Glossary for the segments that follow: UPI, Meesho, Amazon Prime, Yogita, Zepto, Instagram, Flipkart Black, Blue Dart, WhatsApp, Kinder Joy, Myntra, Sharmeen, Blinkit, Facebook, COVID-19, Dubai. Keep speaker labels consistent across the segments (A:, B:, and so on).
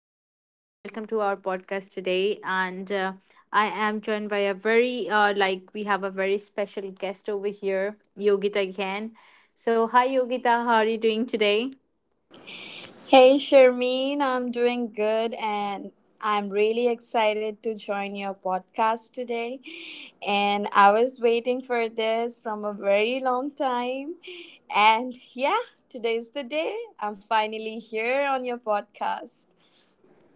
A: Sharmeen, and welcome to our podcast today. And I am joined by we have a very special guest over here, Yogita again. So, hi, Yogita. How are you doing today?
B: Hey Sharmeen, I'm doing good and I'm really excited to join your podcast today. And I was waiting for this from a very long time. And yeah, today's the day. I'm finally here on your podcast.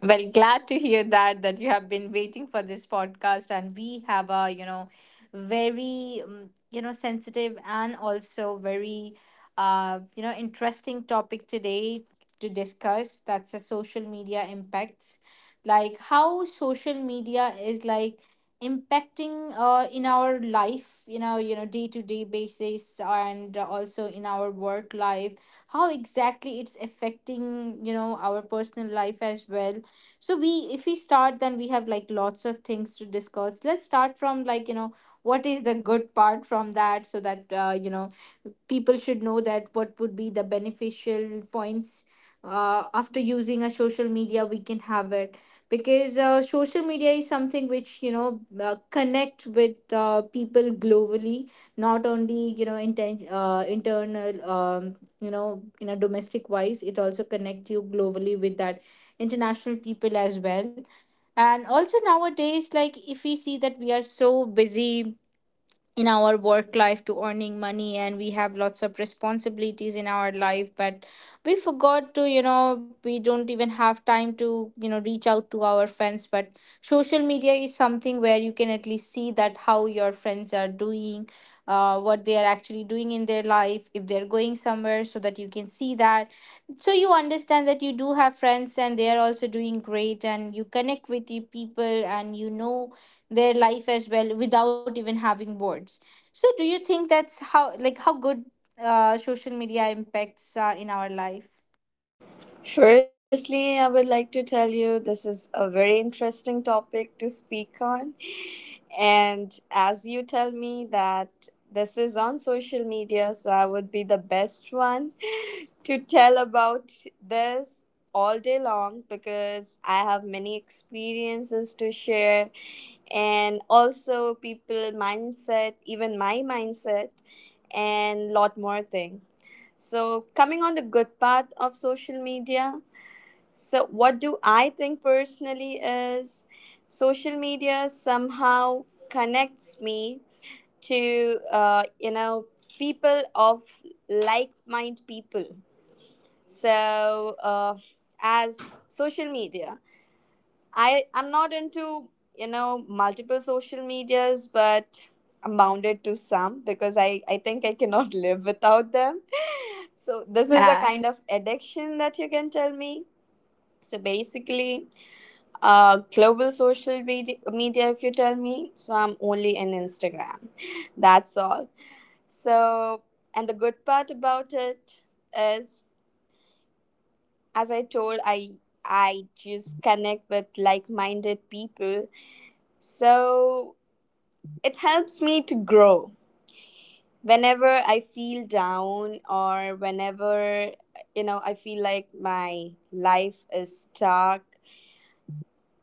A: Well, glad to hear that you have been waiting for this podcast, and we have a very sensitive and also very interesting topic today to discuss. That's a social media impacts, like how social media is like impacting in our life, day to day basis, and also in our work life. How exactly it's affecting our personal life as well. So, we if we start, then we have like lots of things to discuss. Let's start from, like, what is the good part from that, so that people should know that what would be the beneficial points after using a social media we can have it, because social media is something which connect with people globally, not only internal in a domestic wise. It also connect you globally with that international people as well. And also nowadays, like, if we see that we are so busy in our work life to earning money, and we have lots of responsibilities in our life, but we forgot to, we don't even have time to reach out to our friends. But social media is something where you can at least see that how your friends are doing, what they are actually doing in their life, if they're going somewhere, so that you can see that. So you understand that you do have friends, and they are also doing great, and you connect with the people and you know their life as well without even having words. So do you think that's how, like, how good social media impacts in our life?
B: Firstly, I would like to tell you this is a very interesting topic to speak on. And as you tell me that this is on social media, so I would be the best one to tell about this all day long because I have many experiences to share and also people mindset, even my mindset, and lot more thing. So coming on the good part of social media. So what do I think personally is, social media somehow connects me to people of like mind people. So as social media, I'm not into multiple social medias, but I'm bounded to some because I think I cannot live without them. So
A: This
B: this
A: is-
B: is a
A: Uh,
B: kind of addiction that you can tell me. So basically, global social media, media, if you tell me, so I'm only in Instagram. That's all. So, and the good part about it is, as I told, I just connect with like-minded people. So it helps me to grow. Whenever I feel down or whenever I feel like my life is stuck,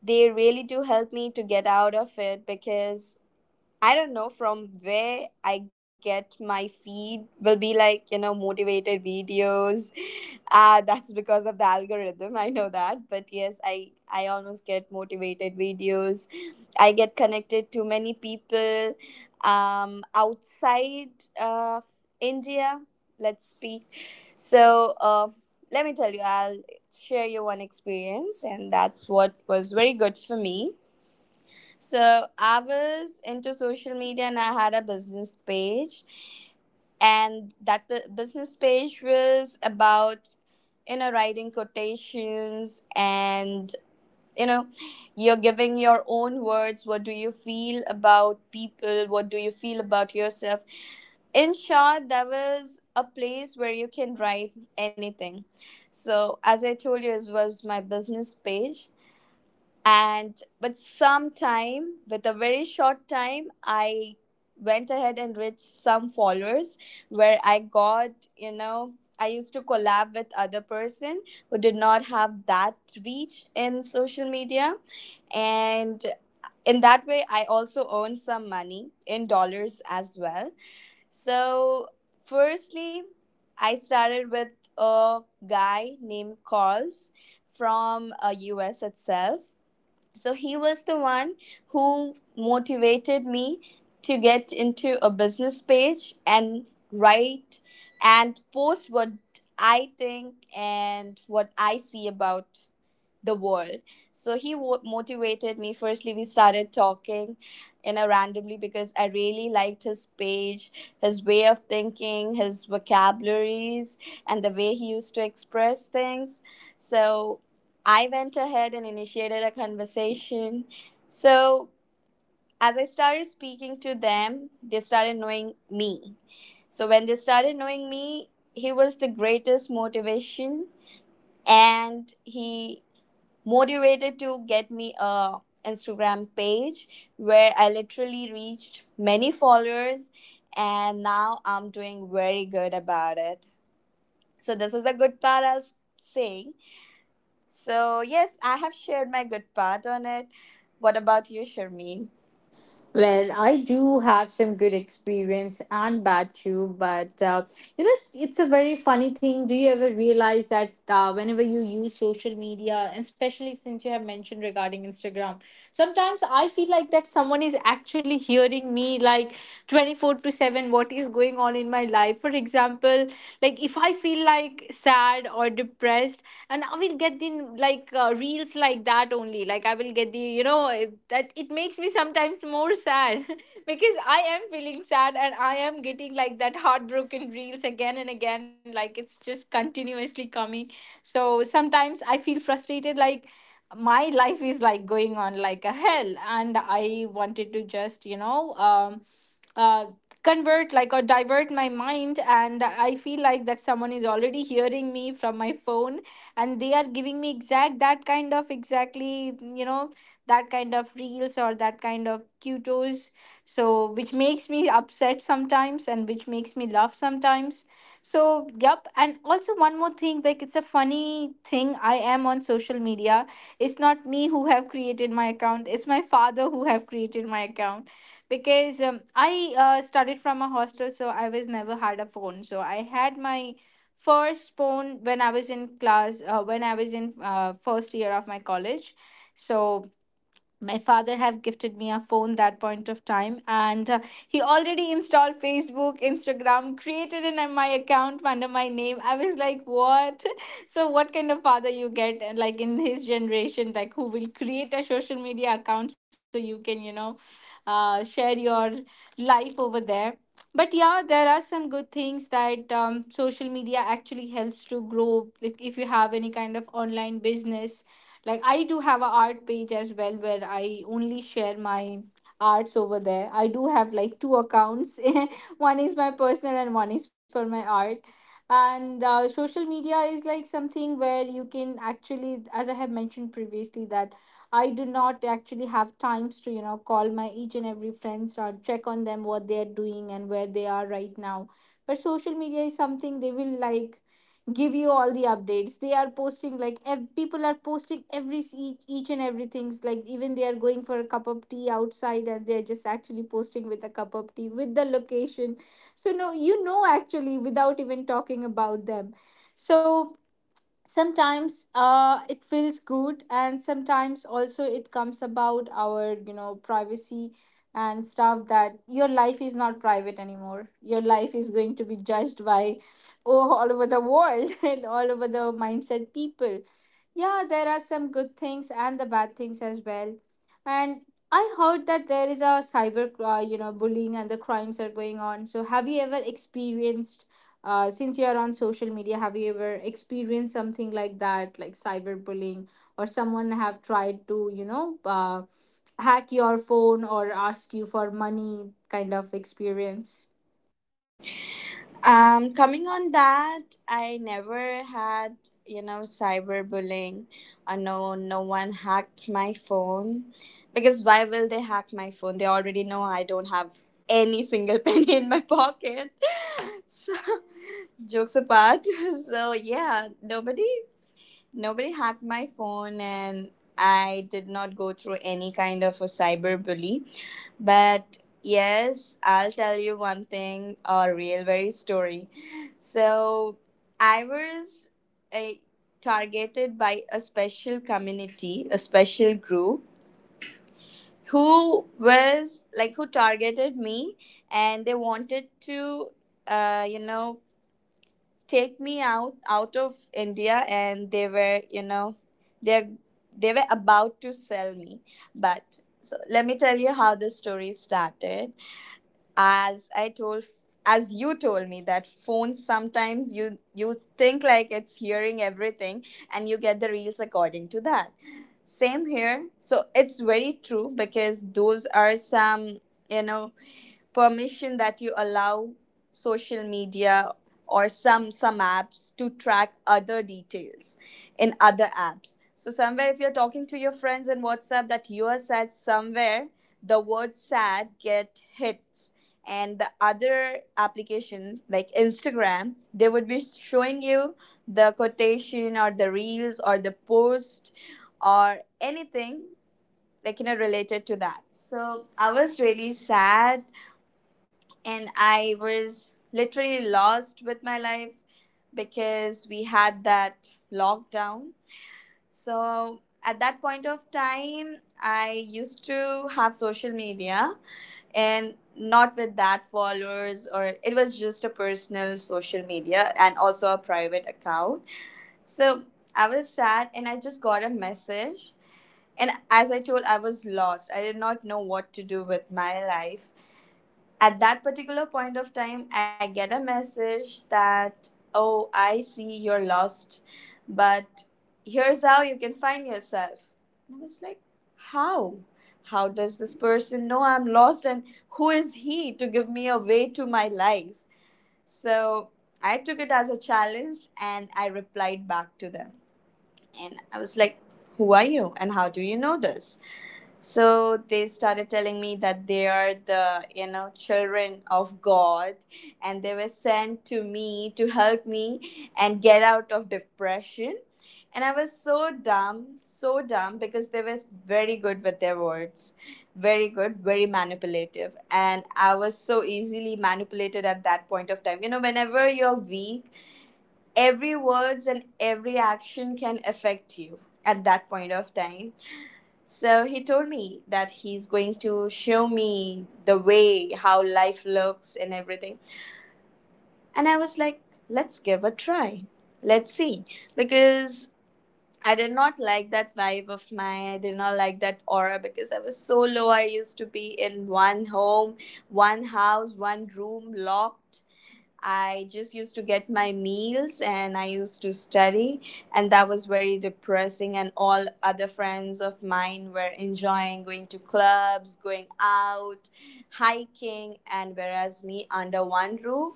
B: they really do help me to get out of it, because I don't know from where I get my feed will be like, motivated videos. That's because of the algorithm. I know that. But yes, I almost get motivated videos. I get connected to many people outside uh, India, let's speak. So let me tell you, I'll share you one experience, and that's what was very good for me. So I was into social media and I had a business page, and that business page was about writing quotations, and you know you're giving your own words, what do you feel about people, what do you feel about yourself. In short, that was a place where you can write anything. So as I told you, it was my business page. And but sometime with a very short time, I went ahead and reached some followers, where I got, I used to collab with other person who did not have that reach in social media. And in that way, I also earned some money in dollars as well. So firstly, I started with a guy named Calls from US itself. So he was the one who motivated me to get into a business page and write and post what I think and what I see about the world. So he motivated me. Firstly, we started talking in a randomly, because I really liked his page, his way of thinking, his vocabularies, and the way he used to express things. So I went ahead and initiated a conversation. So as I started speaking to them, they started knowing me. So when they started knowing me, he was the greatest motivation, and he motivated to get me a Instagram page where I literally reached many followers, and now I'm doing very good about it. So this is the good part I was saying. So yes, I have shared my good part on it. What about you, Sharmeen?
A: well, I do have some good experience and bad too, but it's a very funny thing. Do you ever realize that whenever you use social media, and especially since you have mentioned regarding Instagram, sometimes I feel like that someone is actually hearing me, like 24 to 7, what is going on in my life, for example? Like if I feel like sad or depressed, and I will get the, like, reels like that only, like I will get the, that it makes me sometimes more sad. Because I am feeling sad, and I am getting like that heartbroken reels again and again, like it's just continuously coming. So sometimes I feel frustrated, like my life is like going on like a hell, and I wanted to just uh convert like or divert my mind. And I feel like that someone is already hearing me from my phone, and they are giving me exactly, that kind of reels, or that kind of cutos. So which makes me upset sometimes, and which makes me laugh sometimes. So, yep, and also one more thing. Like, it's a funny thing. I am on social media. It's not me who have created my account, it's my father who have created my account. Because I started from a hostel, so I was never had a phone. So I had my first phone when I was in class when I was in first year of my college. So my father have gifted me a phone that point of time. And he already installed Facebook, Instagram, created an my account under my name. I was like, what? So what kind of father you get? And, like, in his generation, like, who will create a social media account so you can share your life over there? But yeah, there are some good things, that social media actually helps to grow. Like if you have any kind of online business, like I do have a art page as well where I only share my arts over there. I do have like two accounts. One is my personal and one is for my art. And social media is like something where you can actually, as I have mentioned previously, that I do not actually have times to, call my each and every friends, or check on them what they are doing and where they are right now. But social media is something they will like give you all the updates they are posting, like people are posting every each and everything's, like even they are going for a cup of tea outside, and they're just actually posting with a cup of tea with the location. So, no, actually without even talking about them. So sometimes it feels good, and sometimes also it comes about our, privacy and stuff, that your life is not private anymore. Your life is going to be judged by, oh, all over the world, and all over the mindset people. Yeah, there are some good things and the bad things as well. And I heard that there is a cyber bullying and the crimes are going on. So have you ever experienced, since you are on social media, have you ever experienced something like that, like cyberbullying, or someone have tried to, hack your phone or ask you for money kind of experience?
B: Coming on that, I never had, cyberbullying. I know no one hacked my phone. Because why will they hack my phone? They already know I don't have any single penny in my pocket. So, jokes apart. So, yeah, nobody hacked my phone and I did not go through any kind of a cyber bully. But yes, I'll tell you one thing, a real very story. So I was a, targeted by a special community, a special group who was like who targeted me, and they wanted to uh, you know take me out of India, and they were, they they were about to sell me. But so let me tell you how the story started. as I told as you told me that phones, sometimes you think like it's hearing everything, and you get the reels according to that. Same here. So it's very true, because those are some you know permission that you allow social media or some apps to track other details in other apps. So somewhere, if you're talking to your friends in WhatsApp that you are sad, somewhere the word sad get hits, and the other application like Instagram, they would be showing you the quotation or the reels or the post or anything, like related to that. So I was really sad, and I was literally lost with my life, because we had that lockdown. So at that point of time, I used to have social media, and not with that followers, or it was just a personal social media and also a private account. So I was sad and I just got a message. And as I told, I was lost. I did not know what to do with my life. At that particular point of time, I get a message that, oh, I see you're lost, but here's how you can find yourself. And I was like, how how does this person know I'm lost, and who is he to give me a way to my life? So I took it as a challenge and I replied back to them, and I was like, who are you and how do you know this? So they started telling me that they are the, children of God, and they were sent to me to help me and get out of depression. And I was so dumb, so dumb, because they were very good with their words, very good, very manipulative. And I was so easily manipulated at that point of time. Whenever you're weak, every words and every action can affect you at that point of time. So he told me that he's going to show me the way how life looks and everything. And I was like, let's give a try. Let's see. Because I did not like that vibe of mine. I did not like that aura because I was so low. I used to be in one home, one house, one room locked. I just used to get my meals and I used to study, and that was very depressing. And all other friends of mine were enjoying going to clubs, going out, hiking, and whereas me under one roof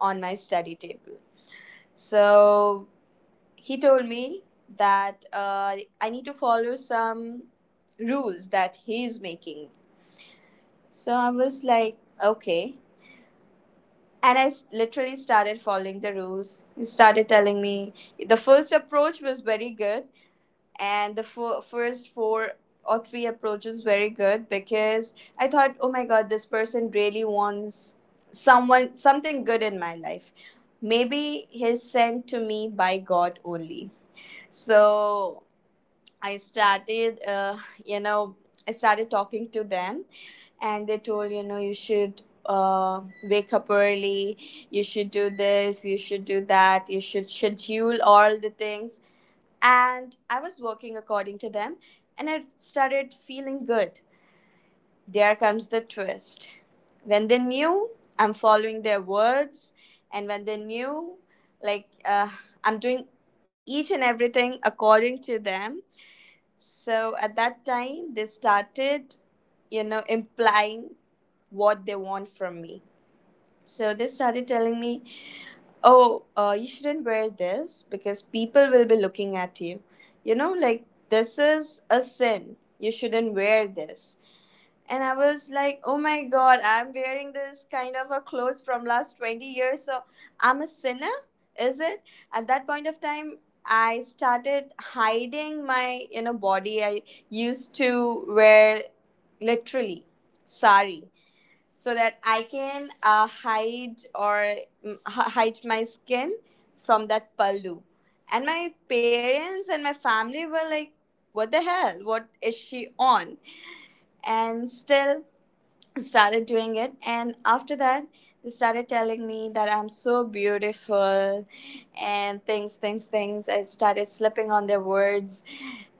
B: on my study table. So he told me that I need to follow some rules that he's making. So I was like, okay, and I literally started following the rules. He started telling me, the first approach was very good, and the first four or three approaches very good, because I thought, oh my god, this person really wants someone something good in my life. Maybe he's sent to me by God only. So I you know, started talking to them, and they told, you should wake up early, you should do this, you should do that, you should schedule all the things. And I was working according to them, and I started feeling good. There comes the twist. When they knew I'm following their words, and when they knew, like I'm doing each and everything according to them, so at that time, they started implying what they want from me. So they started telling me, oh, you shouldn't wear this because people will be looking at you. Like, this is a sin. You shouldn't wear this. And I was like, oh my God, I'm wearing this kind of a clothes from last 20 years. So I'm a sinner, is it? At that point of time, I started hiding my, body. I used to wear literally sari, so that I can hide or hide my skin from that pallu. And my parents and my family were like, "What the hell? What is she on?" And still, started doing it, and after that, they started telling me that I'm so beautiful, and things, things, things, I started slipping on their words.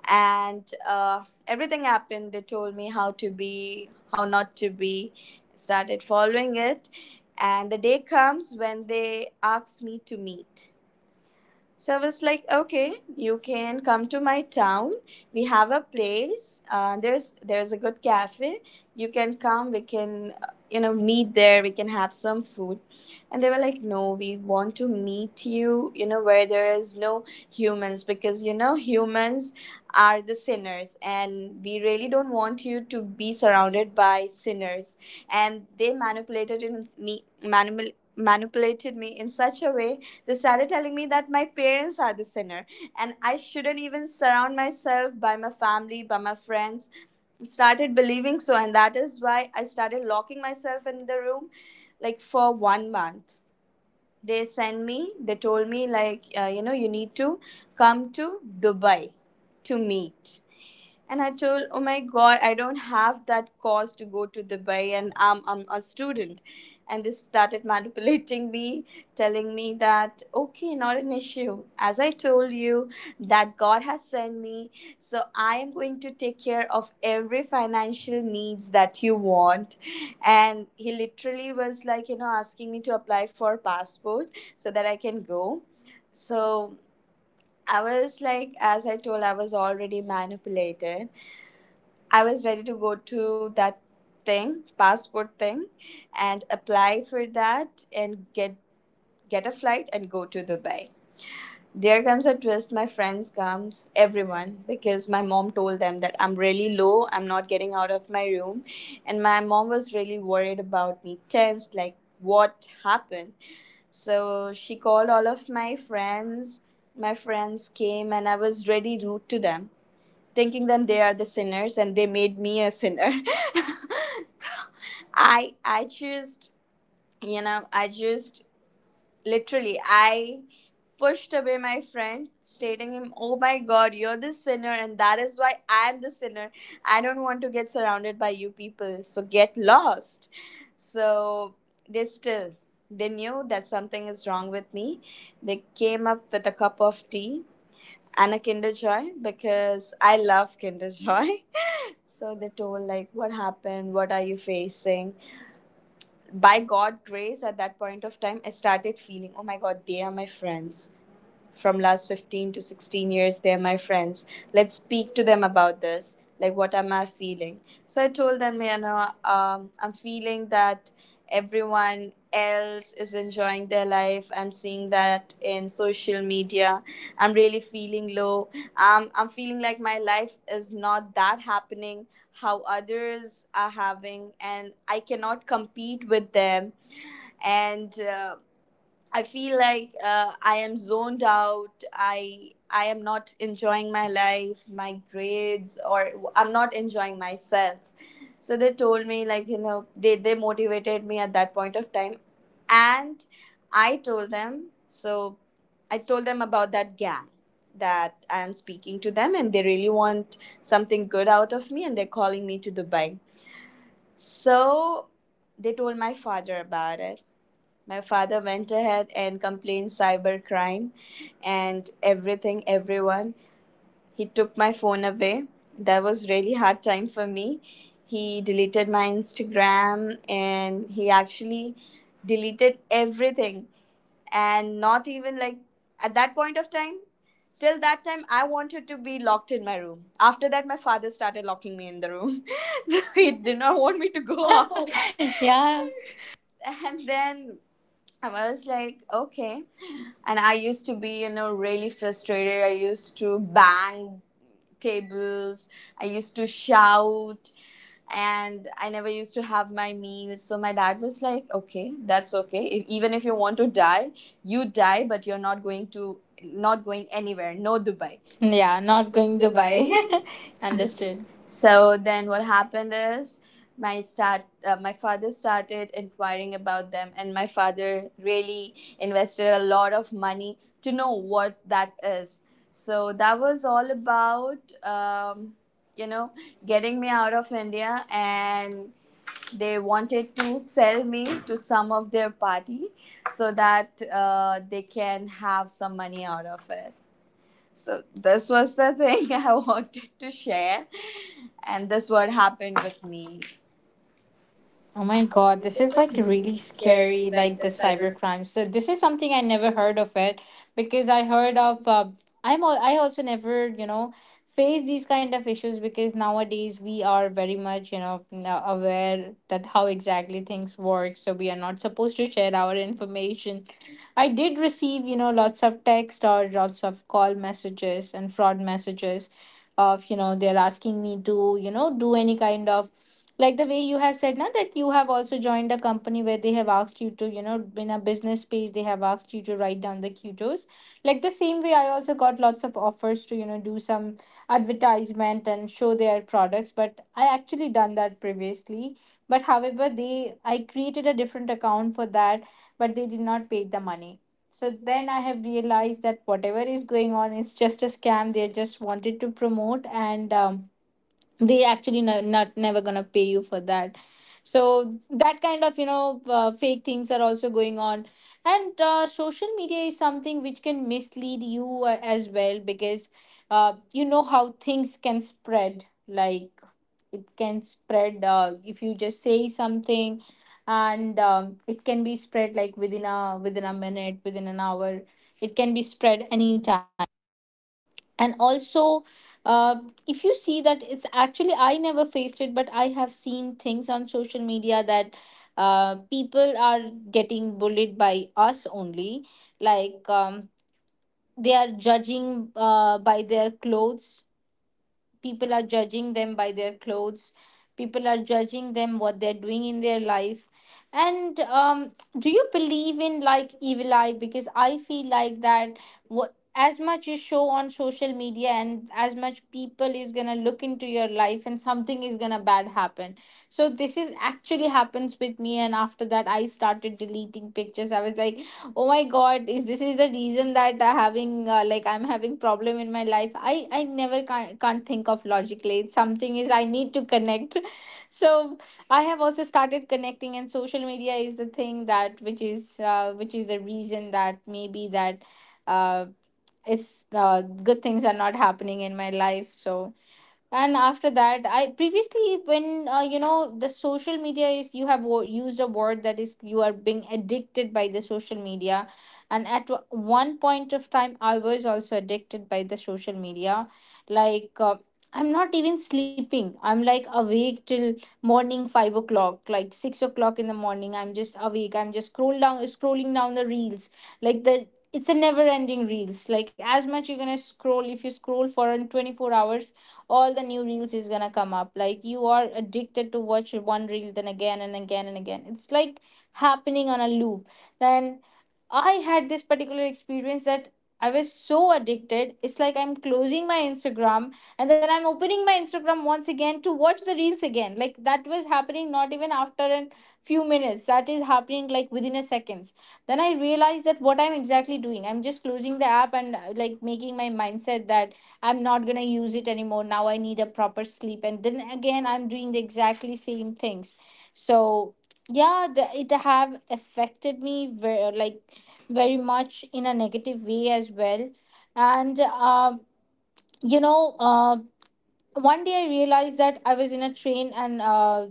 B: And everything happened, they told me how to be, how not to be, started following it. And the day comes when they asked me to meet. So I was like, okay, you can come to my town. We have a place. There's a good cafe. You can come. We can meet there. We can have some food. And they were like, no, we want to meet you. You know where there is no humans, because humans are the sinners, and we really don't want you to be surrounded by sinners. And they manipulated me in such a way, they started telling me that my parents are the sinner and I shouldn't even surround myself by my family, by my friends. Started believing so, and that is why I started locking myself in the room like for 1 month. They told me, you need to come to Dubai to meet. And I told, oh my God, I don't have that cost to go to Dubai, and I'm a student. And they started manipulating me, telling me that, okay, not an issue. As I told you, that God has sent me. So I am going to take care of every financial needs that you want. And he literally was like, asking me to apply for passport so that I can go. So I was like, as I told, I was already manipulated. I was ready to go to that thing, passport thing, and apply for that and get a flight and go to Dubai. There comes a twist, my friends comes, everyone, because my mom told them that I'm really low, I'm not getting out of my room. And my mom was really worried about me, tensed, like what happened. So she called all of my friends. My friends came and I was really rude to them, thinking that they are the sinners and they made me a sinner. I just you know I just literally I pushed away my friend, stating him, oh my God, you're the sinner and that is why I'm the sinner. I don't want to get surrounded by you people, so get lost. So they still they knew that something is wrong with me. They came up with a cup of tea and a Kinder Joy, because I love Kinder Joy. So they told, like, what happened, what are you facing? By God grace, at that point of time I started feeling, oh my God, they are my friends. From last 15 to 16 years they're my friends. Let's speak to them about this, like, what am I feeling. So I told them, I'm feeling that everyone else is enjoying their life, I'm seeing that in social media, I'm really feeling low. I'm feeling like my life is not that happening, how others are having, and I cannot compete with them. And I feel like I am zoned out. I am not enjoying my life, my grades, or I'm not enjoying myself. So they told me, like, they motivated me at that point of time, and I told them so. I told them about that gang, that I am speaking to them, and they really want something good out of me, and they're calling me to Dubai. So they told my father about it. My father went ahead and complained cybercrime and everything, everyone. He took my phone away. That was really hard time for me. He deleted my Instagram, and he actually deleted everything. And not even like, at that point of time, till that time I wanted to be locked in my room. After that, my father started locking me in the room. So he did not want me to go out.
A: Yeah.
B: And then I was like, okay. And I used to be, really frustrated. I used to bang tables. I used to shout. And I never used to have my meals. So my dad was like, okay, that's okay. If, even if you want to die, you die, but you're not going anywhere. No Dubai.
A: Right.
B: Yeah,
A: Yeah, not
B: not going
A: going
B: to
A: to buy.
B: Dubai. Understood.
A: Understood.
B: So then what happened is, my father started inquiring about them, and my father really invested a lot of money to know what that is. So that was all about, you know getting me out of India, and they wanted to sell me to some of their party so that they can have some money out of it. So this was the thing I wanted to share, and this what happened with me.
A: Oh my
B: God,
A: God,
B: this
A: this
B: is
A: is
B: like
A: like
B: really
A: really
B: scary,
A: scary,
B: like
A: like
B: the
A: the cyber
B: cyber.
A: crime. So this is something I never heard of it, because I heard of I'm al- I also never face these kind of issues, because nowadays we are very much aware that how exactly things work. So we are not supposed to share our information. I did receive, lots of text or lots of call messages and fraud messages of, they're asking me to, do any kind of, like the way you have said now, that you have also joined a company where they have asked you to, in a business page they have asked you to write down the qtos. Like the same way I also got lots of offers to, do some advertisement and show their products, but I actually done that previously. But however, they I created a different account for that, but they did not pay the money. So then I have realized that whatever is going on is just a scam. They just wanted to promote, and they actually no, not never gonna pay you for that. So that kind of fake things are also going on. And social media is something which can mislead you as well, because you know how things can spread, like it can spread, if you just say something. And it can be spread like within a minute, within an hour. It can be spread anytime. And also, uh, if you see that, it's actually, I never faced it, but I have seen things on social media that people are getting bullied by us only. Like they are judging, by their clothes. People are judging them by their clothes. People are judging them what they're doing in their life. And do you believe in, like, evil eye? Because I feel like that, what as much you show on social media and as much people is gonna look into your life, and something is gonna bad happen. So this is actually happens with me, and after that I started deleting pictures. I was like, oh my God, is this is the reason that having like I'm having problem in my life? I never can't think of logically. It's something is I need to connect. So I have also started connecting, and social media is the thing that which is the reason that maybe that uh, it's good things are not happening in my life. So, and after that I previously, when the social media is, you have used a word, that is, you are being addicted by the social media. And at one point of time I was also addicted by the social media. Like, I'm not even sleeping. I'm like awake till morning 5 o'clock, like 6 o'clock in the morning. I'm just awake. I'm just scrolling down the reels. Like, the it's a never ending reels. Like as much you're gonna scroll, if you scroll for an 24 hours all the New reels is gonna come up. Like, you are addicted to watch one reel then again and again and again. It's like happening on a loop. Then I had this particular experience that I was so addicted. It's like I'm closing my Instagram and then I'm opening my Instagram once again to watch the reels again. Like, that was happening not even after a few minutes. That is happening like within a seconds. Then I realized that what I'm exactly doing. I'm just closing the app and like making my mindset that I'm not gonna use it anymore. Now I need a proper sleep. And then again I'm doing the exactly same things. So yeah, it have affected me very like very much in a negative way as well. And, uh, you know, uh, One day I realized that I was in a train and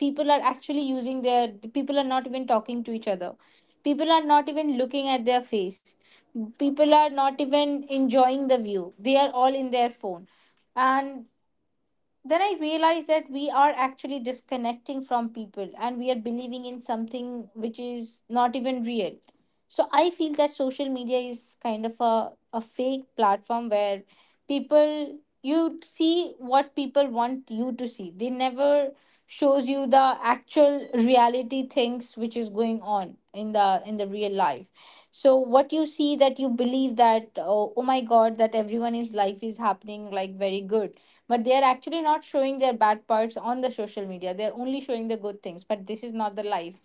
A: people are actually using their, people are not even talking to each other. People are not even looking at their face. People are not even enjoying the view. They are all in their phone. And then I realized that we are actually disconnecting from people and we are believing in something which is not even real. So I feel that social media is kind of a fake platform where people you see what people want you to see. They never shows you the actual reality things which is going on in the real life. So what you see that you believe that oh, oh my god, that everyone is life is happening like very good, but they are actually not showing their bad parts on the social media. They're only showing the good things, but this is not the life.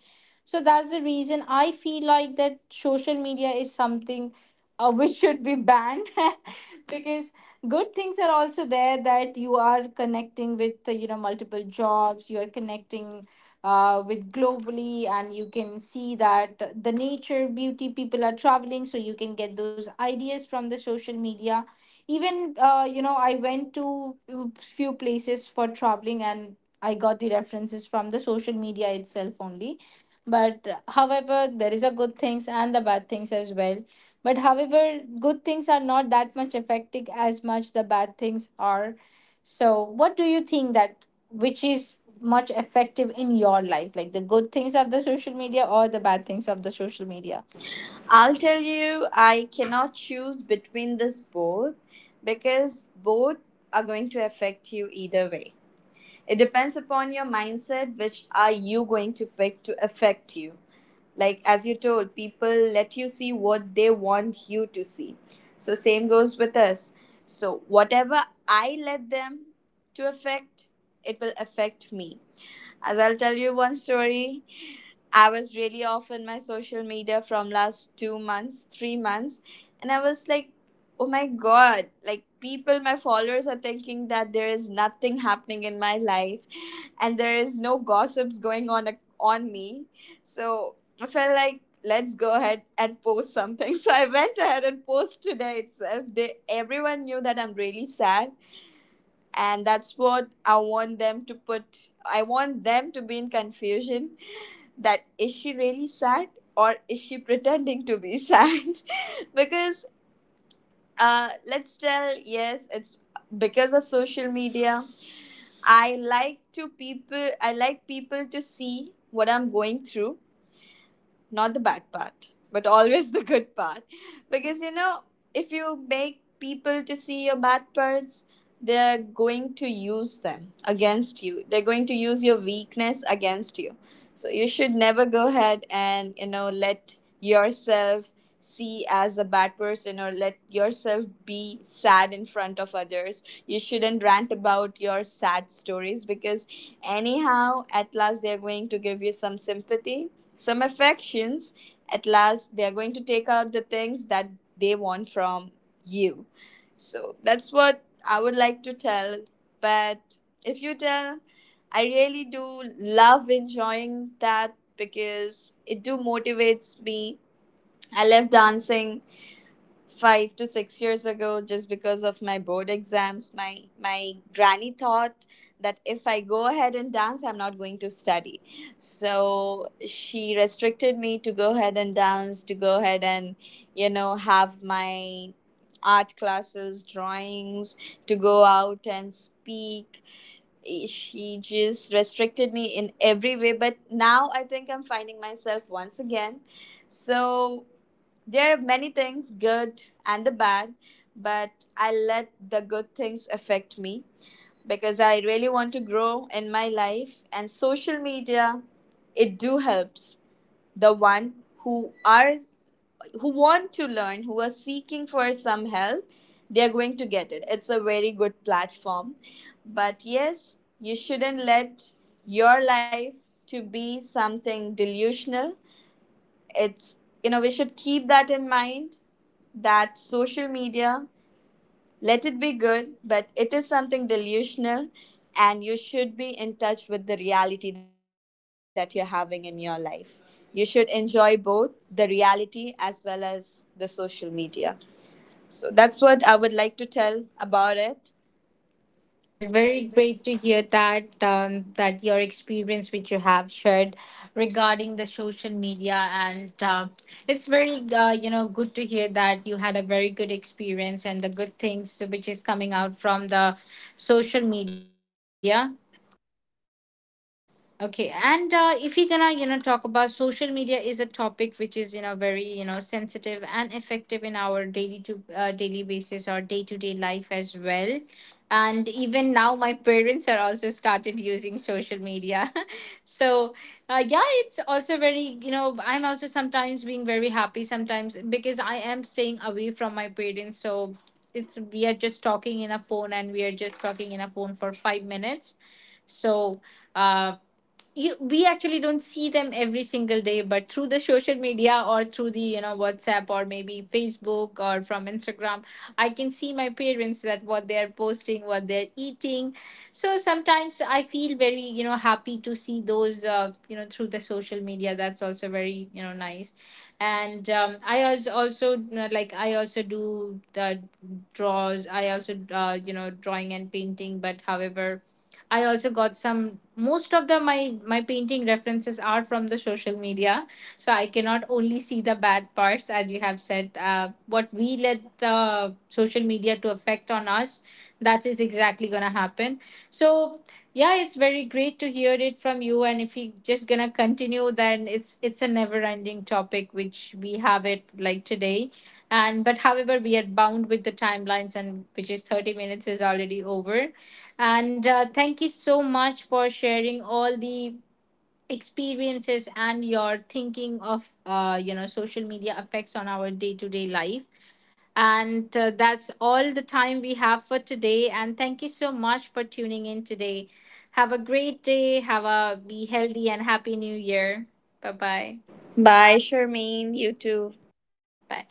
A: So that's the reason I feel like that social media is something which should be banned because good things are also there, that you are connecting with multiple jobs. You are connecting with globally and you can see that the nature beauty, people are traveling, so you can get those ideas from the social media. Even I went to few places for traveling and I got the references from the social media itself only. But however, there is a good things and the bad things as well. But however, good things are not that much affecting as much the bad things are. So what do you think that which is much effective in your life, like the good things of the social media or the bad things of the social media?
B: I'll tell you, I cannot choose between this both, because both are going to affect you either way. It depends upon your mindset, which are you going to pick to affect you. Like, as you told, people let you see what they want you to see. So same goes with us. So whatever I let them to affect, it will affect me. As I'll tell you one story, I was really off in my social media from last 2 months, 3 months, and I was like, oh my God, like, people, my followers are thinking that there is nothing happening in my life, and there is no gossips going on on me. So I felt like, let's go ahead and post something. So I went ahead and post today itself. They everyone knew that I'm really sad, and that's what I want them to put. I want them to be in confusion, that is she really sad or is she pretending to be sad. Because let's tell, yes, it's because of social media. I like people to see what I'm going through, not the bad part, but always the good part. Because if you make people to see your bad parts, they're going to use them against you. They're going to use your weakness against you. So you should never go ahead and let yourself see as a bad person or let yourself be sad in front of others. You shouldn't rant about your sad stories, because anyhow at last they're going to give you some sympathy, some affections. At last they are going to take out the things that they want from you. So that's what I would like to tell. But if you tell, I really do love enjoying that because it do motivates me. I love dancing. 5 to 6 years ago, just because of my board exams, my granny thought that if I go ahead and dance, I'm not going to study. So she restricted me to go ahead and dance, to go ahead and have my art classes, drawings, to go out and speak. She just restricted me in every way. But now I think I'm finding myself once again. So there are many things, good and the bad, but I let the good things affect me, because I really want to grow in my life. And social media, it do helps the one who are who want to learn, who are seeking for some help. They are going to get it. It's a very good platform. But yes, you shouldn't let your life to be something delusional. It's you know We should keep that in mind, that social media, let it be good, but it is something delusional. And you should be in touch with the reality that you're having in your life. You should enjoy both the reality as well as the social media. So that's what I would like to tell about it.
A: Well, very great to hear that that your experience which you have shared regarding the social media and it's very good to hear that you had a very good experience and the good things which is coming out from the social media. Okay, and if we gonna you know talk about social media is a topic which is you know very you know sensitive and effective in our daily to daily basis or day to day life as well, and even now my parents are also started using social media, so yeah, it's also very you know I'm also sometimes being very happy sometimes because I am staying away from my parents, so it's we are just talking in a phone and we are just talking in a phone for 5 minutes, so. Um, you we actually don't see them every single day, but through the social media or through the you know WhatsApp or maybe Facebook or from Instagram, I can see my parents that what they're posting, what they're eating. So sometimes I feel very you know happy to see those through the social media. That's also very you know nice. And also you know, like I also do the draws, I also drawing and painting. But however, I also got some most of the my painting references are from the social media, so I cannot only see the bad parts as you have said. What we let the social media to affect on us, that is exactly gonna happen. So yeah, it's very great to hear it from you. And if you just gonna continue, then it's a never ending topic which we have it like today, and but however we are bound with the timelines, and which is 30 minutes is already over, and thank you so much for sharing all the experiences and your thinking of social media effects on our day to day life. And that's all the time we have for today. And thank you so much for tuning in today. Have a great day. Have a be healthy and happy new year. Bye bye.
B: Bye, Sharmeen. You too.
A: Bye.